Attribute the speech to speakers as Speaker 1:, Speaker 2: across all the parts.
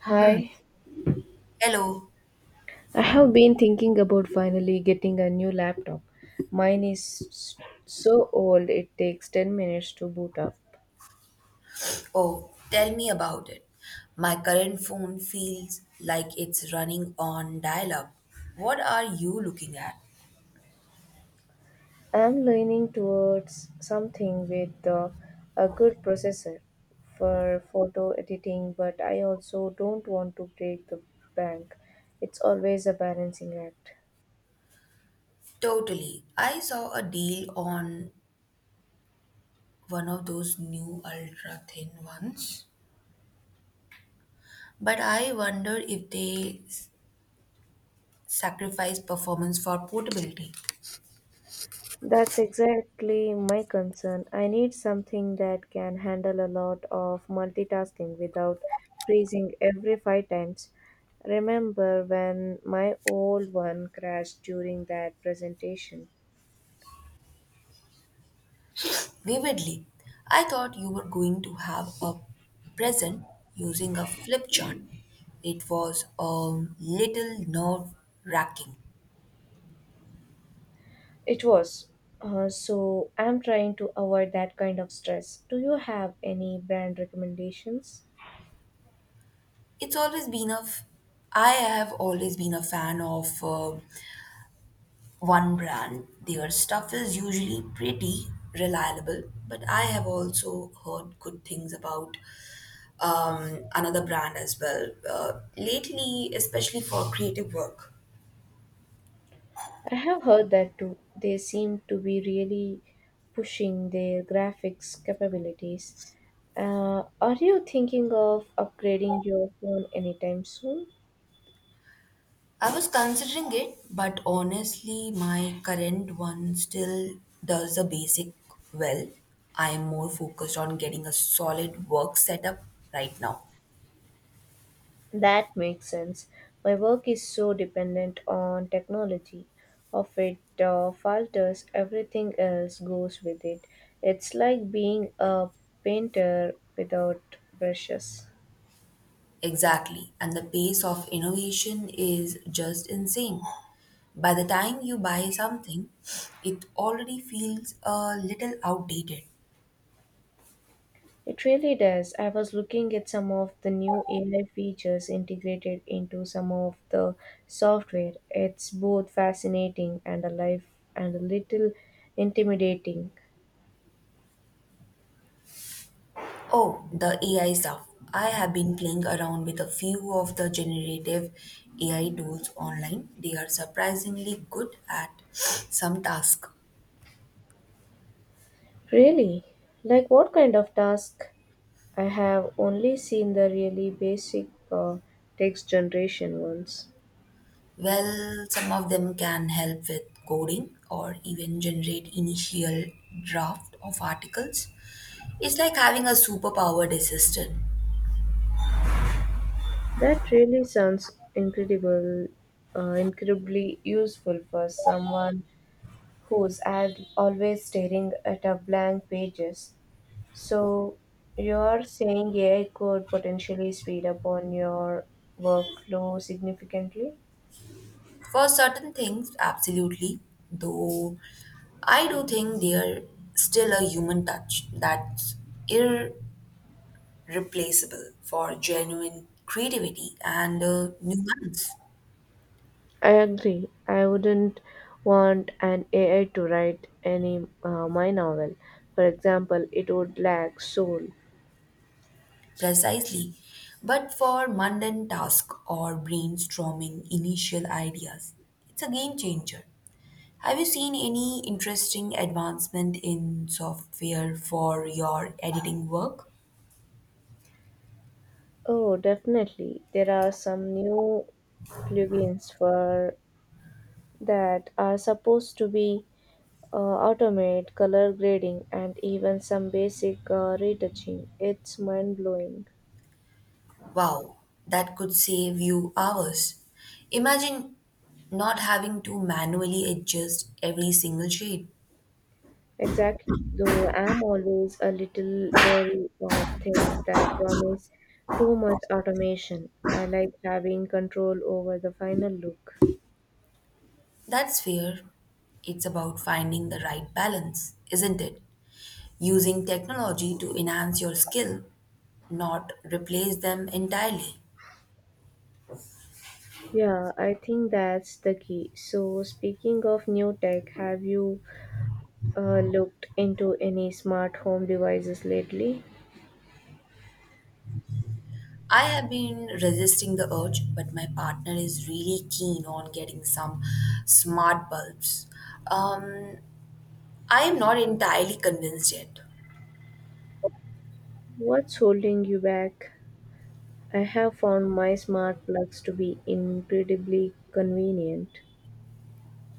Speaker 1: Hi,
Speaker 2: Hello.
Speaker 1: I have been thinking about finally getting a new laptop. Mine is so old it takes 10 minutes to boot up.
Speaker 2: Oh, tell me about it. My current phone feels like it's running on dial up. What are you looking at?
Speaker 1: I'm leaning towards something with a good processor for photo editing, but I also don't want to break the bank. It's always a balancing act.
Speaker 2: Totally. I saw a deal on one of those new ultra thin ones, but I wonder if sacrifice performance for portability.
Speaker 1: That's exactly my concern. I need something that can handle a lot of multitasking without freezing every five times. Remember when my old one crashed during that presentation?
Speaker 2: Vividly, I thought you were going to have a present using a flip chart. It was a little nerve wracking.
Speaker 1: It was. So I'm trying to avoid that kind of stress. Do you have any brand recommendations?
Speaker 2: It's always been a. F- I have always been a fan of one brand. Their stuff is usually pretty reliable, but I have also heard good things about another brand as well. Lately, especially for creative work.
Speaker 1: I have heard that too. They seem to be really pushing their graphics capabilities. Are you thinking of upgrading your phone anytime soon?
Speaker 2: I was considering it, but honestly, my current one still does the basic well. I am more focused on getting a solid work setup right now.
Speaker 1: That makes sense. My work is so dependent on technology. Of it falters, everything else goes with it. It's like being a painter without brushes.
Speaker 2: Exactly. And the pace of innovation is just insane. By the time you buy something, it already feels a little outdated.
Speaker 1: It really does. I was looking at some of the new AI features integrated into some of the software. It's both fascinating and alive and a little intimidating.
Speaker 2: Oh, the AI stuff. I have been playing around with a few of the generative AI tools online. They are surprisingly good at some tasks.
Speaker 1: Really? Like what kind of task? I have only seen the really basic text generation ones.
Speaker 2: Well, some of them can help with coding or even generate initial draft of articles. It's like having a superpowered assistant.
Speaker 1: That really sounds incredible, incredibly useful for someone who's always staring at a blank pages. So you're saying AI could potentially speed up on your workflow significantly?
Speaker 2: For certain things, absolutely. Though I do think there's still a human touch that's irreplaceable for genuine creativity and nuance.
Speaker 1: I agree. I wouldn't want an AI to write any my novel. For example, it would lack soul.
Speaker 2: Precisely, but for mundane tasks or brainstorming initial ideas, it's a game changer. Have you seen any interesting advancement in software for your editing work?
Speaker 1: Oh, definitely. There are some new plugins for that are supposed to be automate color grading and even some basic retouching. It's mind blowing.
Speaker 2: Wow, that could save you hours. Imagine not having to manually adjust every single shade.
Speaker 1: Exactly. Though I'm always a little wary of things that promise too much automation. I like having control over the final look.
Speaker 2: That's fair. It's about finding the right balance, isn't it? Using technology to enhance your skill, not replace them entirely.
Speaker 1: Yeah, I think that's the key. So, speaking of new tech, have you looked into any smart home devices lately?
Speaker 2: I have been resisting the urge, but my partner is really keen on getting some smart bulbs. Um, I am not entirely convinced yet.
Speaker 1: What's holding you back? I have found my smart plugs to be incredibly convenient.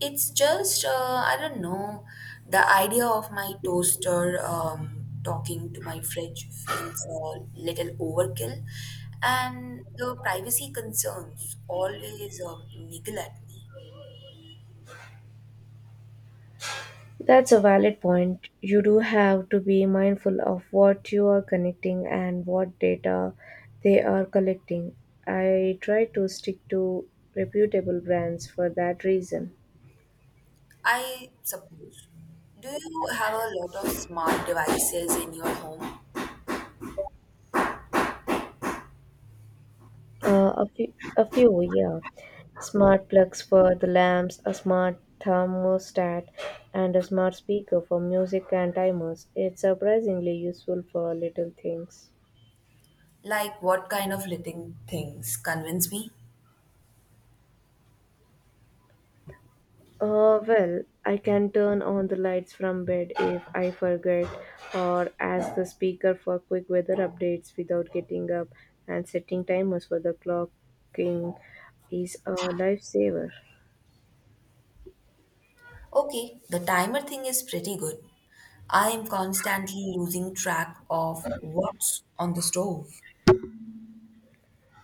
Speaker 2: It's just, I don't know, the idea of my toaster talking to my fridge feels a little overkill, and the privacy concerns always niggle at me.
Speaker 1: That's a valid point. You do have to be mindful of what you are connecting and what data they are collecting. I try to stick to reputable brands for that reason.
Speaker 2: I suppose. Do you have a lot of smart devices in your home?
Speaker 1: A few, yeah. Smart plugs for the lamps, a smart thermostat, and a smart speaker for music and timers. It's surprisingly useful for little things.
Speaker 2: Like what kind of little things convince me?
Speaker 1: Well, I can turn on the lights from bed if I forget or ask the speaker for quick weather updates without getting up, and setting timers for the clocking is a lifesaver.
Speaker 2: Okay, the timer thing is pretty good. I am constantly losing track of what's on the stove.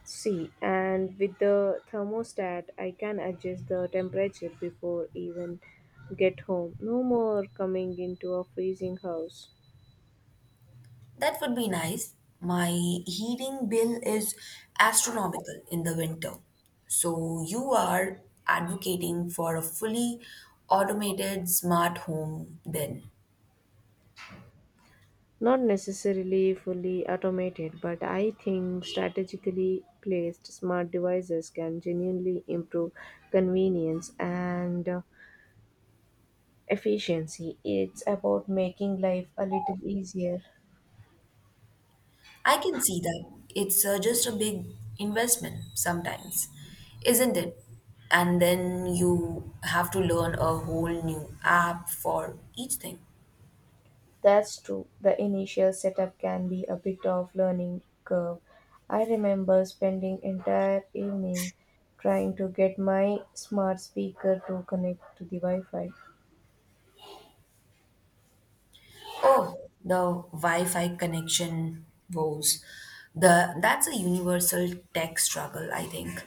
Speaker 1: See, and with the thermostat, I can adjust the temperature before even get home. No more coming into a freezing house.
Speaker 2: That would be nice. My heating bill is astronomical in the winter. So you are advocating for a fully automated smart home then.
Speaker 1: Not necessarily fully automated, but I think strategically placed smart devices can genuinely improve convenience and efficiency. It's about making life a little easier.
Speaker 2: I can see that. It's just a big investment sometimes, isn't it? And then you have to learn a whole new app for each thing.
Speaker 1: That's true. The initial setup can be a bit of learning curve. I remember spending entire evening trying to get my smart speaker to connect to the Wi-Fi.
Speaker 2: Oh, the Wi-Fi connection woes. The That's a universal tech struggle, I think.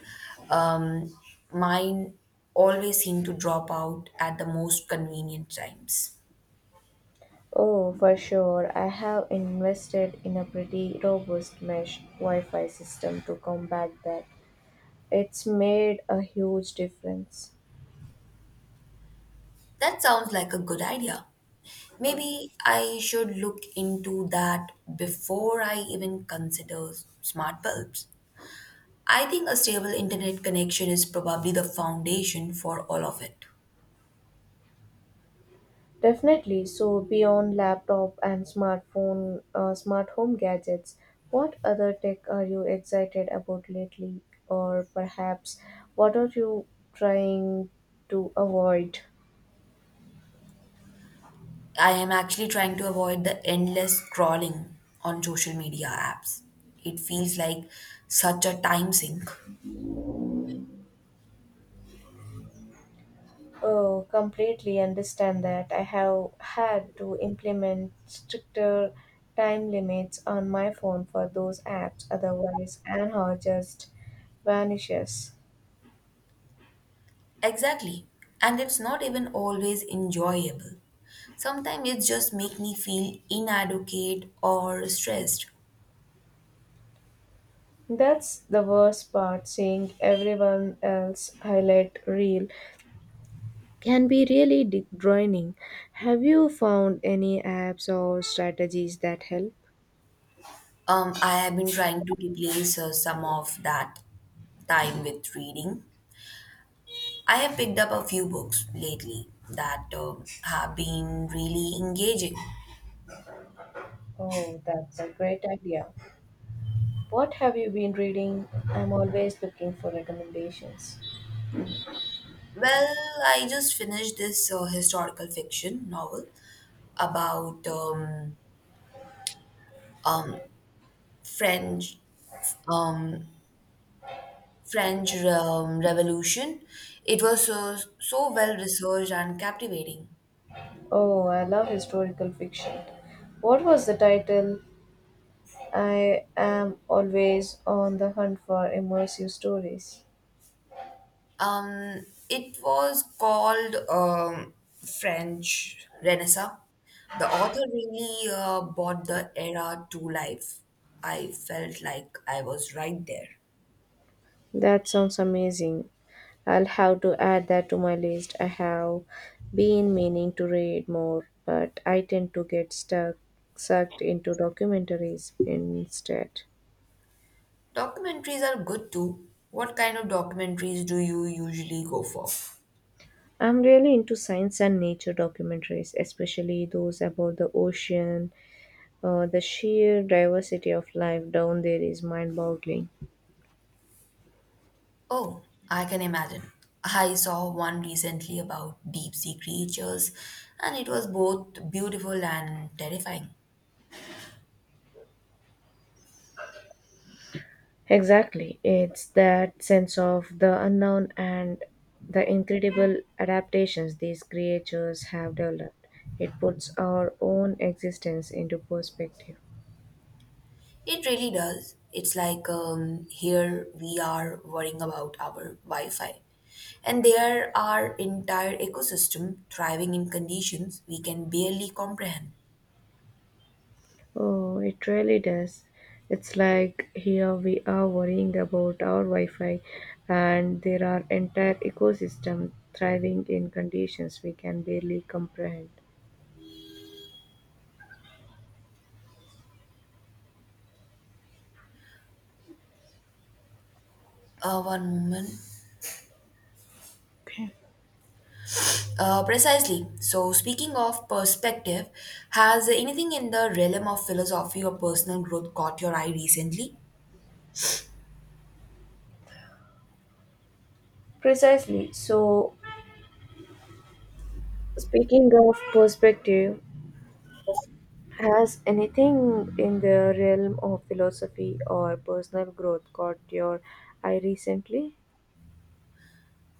Speaker 2: Um, Mine always seem to drop out at the most convenient times.
Speaker 1: Oh, for sure. I have invested in a pretty robust mesh Wi Fi system to combat that. It's made a huge difference.
Speaker 2: That sounds like a good idea. Maybe I should look into that before I even smart bulbs. I think a stable internet connection is probably the foundation for all of it.
Speaker 1: Definitely. So, beyond laptop and smartphone, smart home gadgets, what other tech are you excited about lately? Or perhaps what are you trying to avoid?
Speaker 2: I am actually trying to avoid the endless scrolling on social media apps. It feels like such a time sink.
Speaker 1: Oh, completely understand that. I have had to implement stricter time limits on my phone for those apps, otherwise, Anhor just vanishes.
Speaker 2: Exactly. And it's not even always enjoyable. Sometimes it just make me feel inadequate or stressed.
Speaker 1: That's the worst part, seeing everyone else highlight reel can be really draining. Have you found any apps or strategies that help?
Speaker 2: I have been trying to replace some of that time with reading. I have picked up a few books lately that have been really engaging.
Speaker 1: Oh, that's a great idea. What have you been reading? I'm always looking for recommendations.
Speaker 2: Well, I just finished this historical fiction novel about French um, French Revolution. It was so, so well researched and captivating.
Speaker 1: Oh, I love historical fiction. What was the title? I am always on the hunt for immersive stories.
Speaker 2: It was called French Renaissance. The author really brought the era to life. I felt like I was right there.
Speaker 1: That sounds amazing. I'll have to add that to my list. I have been meaning to read more, but I tend to get stuck sucked into documentaries instead.
Speaker 2: Documentaries are good too. What kind of documentaries do you usually go for?
Speaker 1: I'm really into science and nature documentaries, especially those about the ocean. The sheer diversity of life down there is mind boggling.
Speaker 2: Oh, I can imagine. I saw one recently about deep sea creatures, and it was both beautiful and terrifying.
Speaker 1: Exactly. It's that sense of the unknown and the incredible adaptations these creatures have developed. It puts our own existence into perspective.
Speaker 2: It really does. It's like here we are worrying about our Wi Fi, and there are entire ecosystem thriving in conditions we can barely comprehend.
Speaker 1: Oh, it really does. It's like here we are worrying about our Wi Fi, and there are entire ecosystem thriving in conditions we can barely comprehend.
Speaker 2: One moment.
Speaker 1: Okay.
Speaker 2: Precisely. So, speaking of perspective, has anything in the realm of philosophy or personal growth caught your eye recently?
Speaker 1: Precisely. So, speaking of perspective, has anything in the realm of philosophy or personal growth caught your eye recently?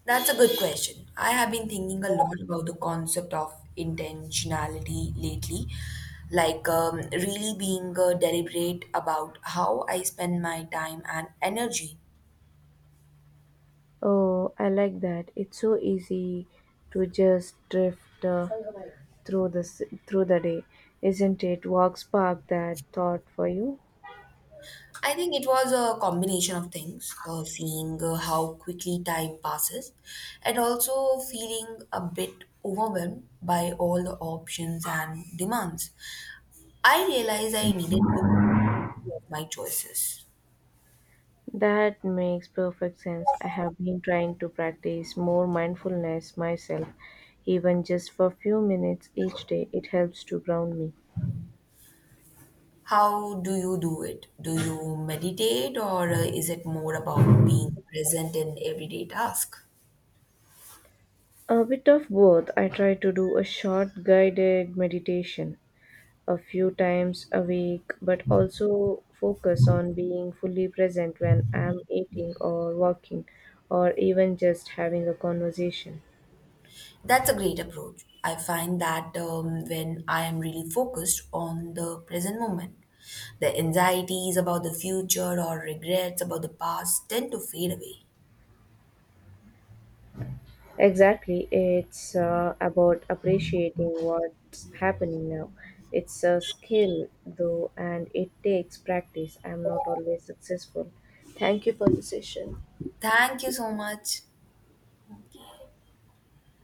Speaker 2: That's a good question. I have been thinking a lot about the concept of intentionality lately, like really being deliberate about how I spend my time and energy.
Speaker 1: Oh, I like that. It's so easy to just drift through through the day, isn't it? Walk spark that thought for you.
Speaker 2: I think it was a combination of things, seeing how quickly time passes, and also feeling a bit overwhelmed by all the options and demands. I realized I needed to improve my choices.
Speaker 1: That makes perfect sense. I have been trying to practice more mindfulness myself, even just for a few minutes each day. It helps to ground me.
Speaker 2: How do you do it? Do you meditate or is it more about being present in everyday task?
Speaker 1: A bit of both. I try to do a short guided meditation a few times a week, but also focus on being fully present when I'm eating or walking or even just having a conversation.
Speaker 2: That's a great approach. I find that when I am really focused on the present moment, the anxieties about the future or regrets about the past tend to fade away.
Speaker 1: Exactly. It's about appreciating what's happening now. It's a skill, though, and it takes practice. I'm not always successful. Thank you for the session.
Speaker 2: Thank you so much.